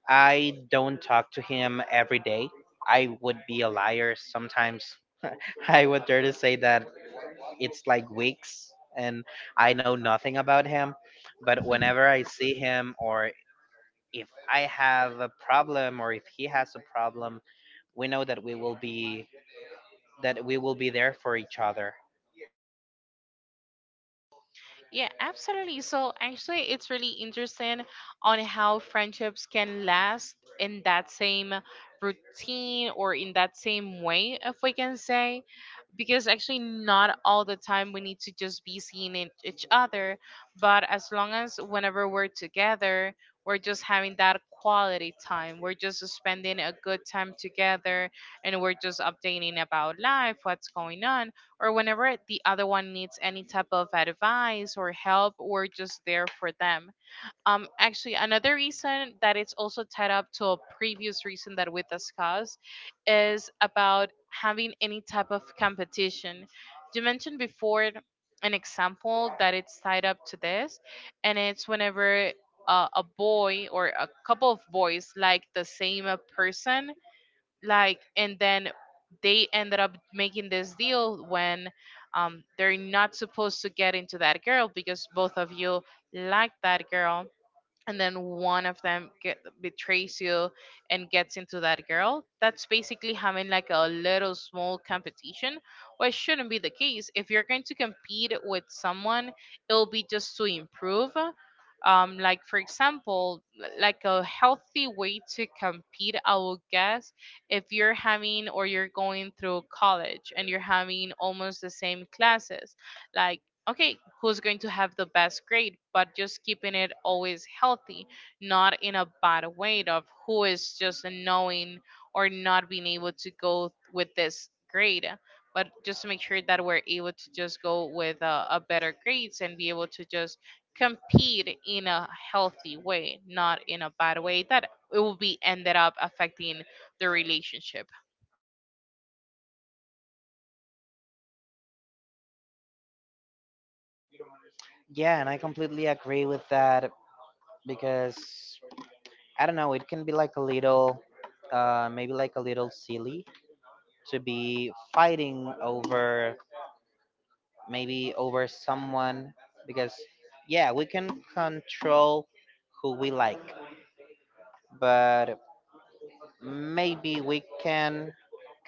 S2: I don't talk to him every day. I would be a liar sometimes. I would dare to say that it's like weeks, and I know nothing about him. But whenever I see him, or if I have a problem, or if he has a problem, we know that we will be there for each other.
S1: Yeah, absolutely. So actually, it's really interesting on how friendships can last in that same routine or in that same way, if we can say, because actually not all the time we need to just be each other, but as long as whenever we're together, we're just having that quality time. We're just spending a good time together, and we're just updating about life, what's going on, or whenever the other one needs any type of advice or help, we're just there for them. Um, actually, another reason that it's also tied up to a previous reason that we discussed is about having any type of competition. You mentioned before an example that it's tied up to this, and it's whenever, a boy or a couple of boys like the same, person, like, and then they ended up making this deal when, they're not supposed to get into that girl because both of you like that girl, and then one of them get, betrays you and gets into that girl. That's basically having like a little small competition, which shouldn't be the case. If you're going to compete with someone, it'll be just to improve, like, for example, like a healthy way to compete, I would guess. If you're having or you're going through college and you're having almost the same classes, like, okay, who's going to have the best grade, but just keeping it always healthy, not in a bad way of who is just knowing or not being able to go with this grade, but just to make sure that we're able to just go with, a better grades and be able to just compete in a healthy way, not in a bad way that it will be ended up affecting the relationship.
S2: Yeah, and I completely agree with that, because I don't know, it can be like a little, uh, maybe like a little silly, to be fighting over maybe over someone. Because yeah, we can control who we like, but maybe we can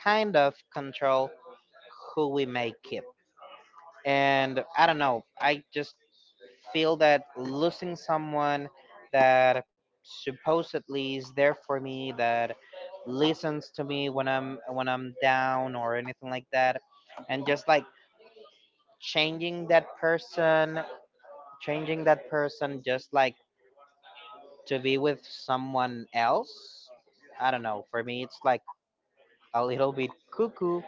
S2: kind of control who we may keep. And I don't know, I just feel that losing someone that supposedly is there for me, that listens to me when I'm down or anything like that, and just like changing that person, changing that person just like to be with someone else. I don't know. For me, it's like a little bit cuckoo.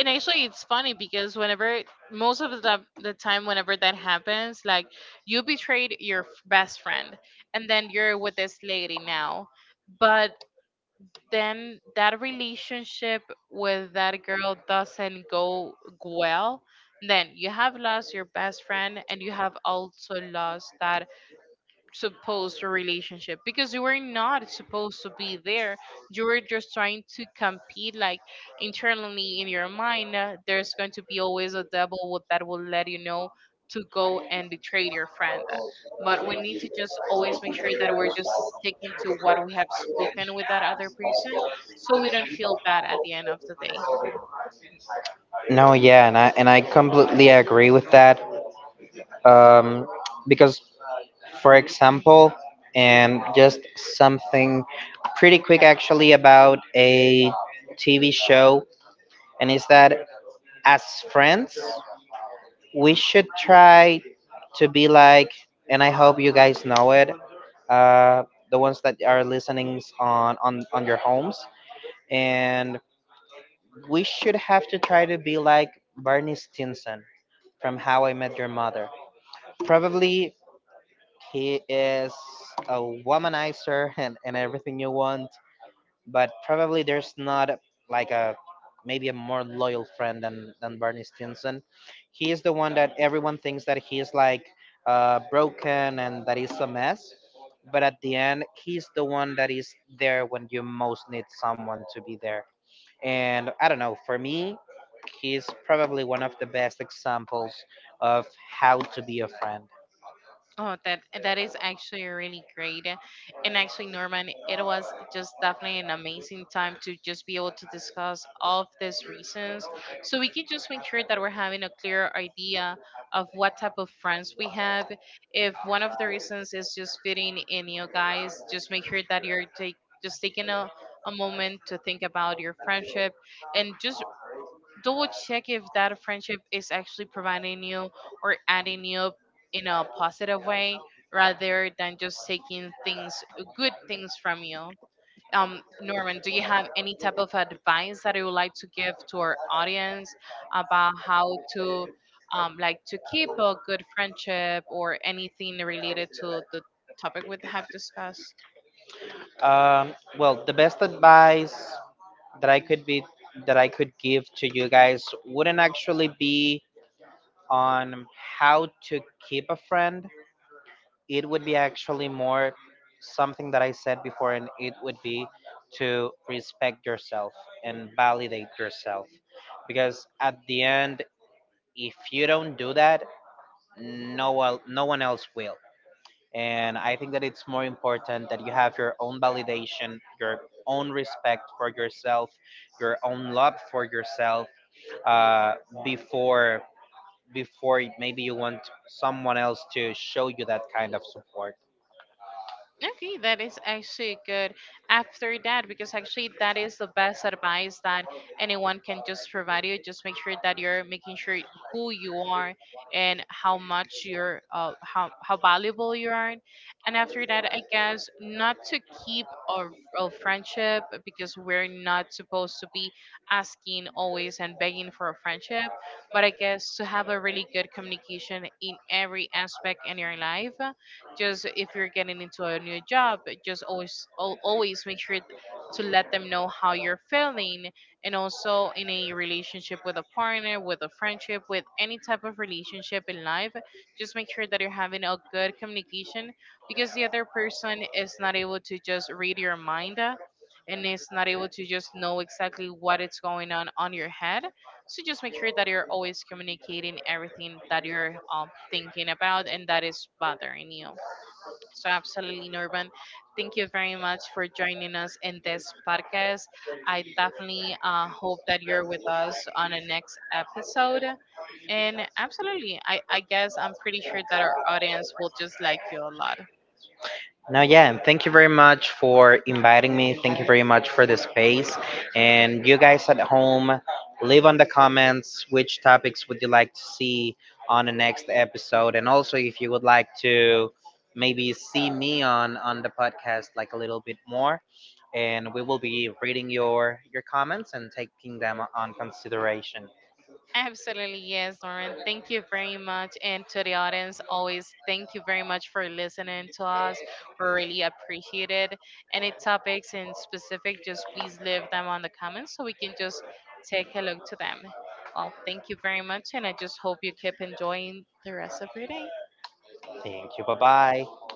S1: And actually it's funny because whenever most of the time whenever that happens, like, you betrayed your best friend, and then you're with this lady now. But then that relationship with that girl doesn't go well, then you have lost your best friend and you have also lost that supposed a relationship, because you were not supposed to be there. You were just trying to compete, like, internally in your mind, there's going to be always a devil that will let you know to go and betray your friend. But we need to just always make sure that we're just sticking to what we have spoken with that other person so we don't feel bad at the end of the day.
S2: No, yeah, and I completely agree with that. Um, because, for example, and just something pretty quick actually about a TV show, and is that as friends, we should try to be like, and I hope you guys know it, uh, the ones that are listening on on your homes, and we should have to try to be like Barney Stinson from How I Met Your Mother. Probably he is a womanizer and everything you want, but probably there's not like a, maybe a more loyal friend than Barney Stinson. He is the one that everyone thinks that he is like broken and that he's a mess. But at the end, he's the one that is there when you most need someone to be there. And I don't know, for me, he's probably one of the best examples of how to be a friend.
S1: Oh, that that is actually really great. And actually, Norman, it was just definitely an amazing time to just be able to discuss all of these reasons. So we can just make sure that we're having a clear idea of what type of friends we have. If one of the reasons is just fitting in, you guys, just make sure that just taking a moment to think about your friendship and just double check if that friendship is actually providing you or adding you in a positive way rather than just taking things, good things, from you. Um, Norman, do you have any type of advice that you would like to give to our audience about how to, like, to keep a good friendship or anything related to the topic we have discussed?
S2: Well, the best advice that I could be that I could give to you guys wouldn't actually be on how to keep a friend. It would be actually more something that I said before, and it would be to respect yourself and validate yourself, because at the end, if you don't do that, no one else will. And I think that it's more important that you have your own validation, your own respect for yourself, your own love for yourself, uh, before maybe you want someone else to show you that kind of support.
S1: Okay, that is actually good. After that, because actually that is the best advice that anyone can just provide you. Just make sure that you're making sure who you are and how much you're, how valuable you are. And after that, I guess not to keep a friendship, because we're not supposed to be asking always and begging for a friendship, but I guess to have a really good communication in every aspect in your life. Just if you're getting into a new job, just always, always make sure to let them know how you're feeling. And also in a relationship with a partner, with a friendship, with any type of relationship in life, just make sure that you're having a good communication, because the other person is not able to just read your mind, and is not able to just know exactly what is going on your head. So just make sure that you're always communicating everything that you're, thinking about and that is bothering you. So, absolutely, Norman. Thank you very much for joining us in this podcast. I definitely, hope that you're with us on the next episode. And absolutely, I guess I'm pretty sure that our audience will just like you a lot.
S2: No, yeah, and thank you very much for inviting me. Thank you very much for the space. And you guys at home, leave on the comments which topics would you like to see on the next episode, and also if you would like to maybe see me on the podcast like a little bit more. And we will be reading your comments and taking them on consideration.
S1: Absolutely, yes, Lauren. Thank you very much. And to the audience, always thank you very much for listening to us. We really appreciate it. Any topics in specific, just please leave them on the comments so we can just take a look to them. Well, thank you very much. And I just hope you keep enjoying the rest of your day.
S2: Thank you. Bye bye.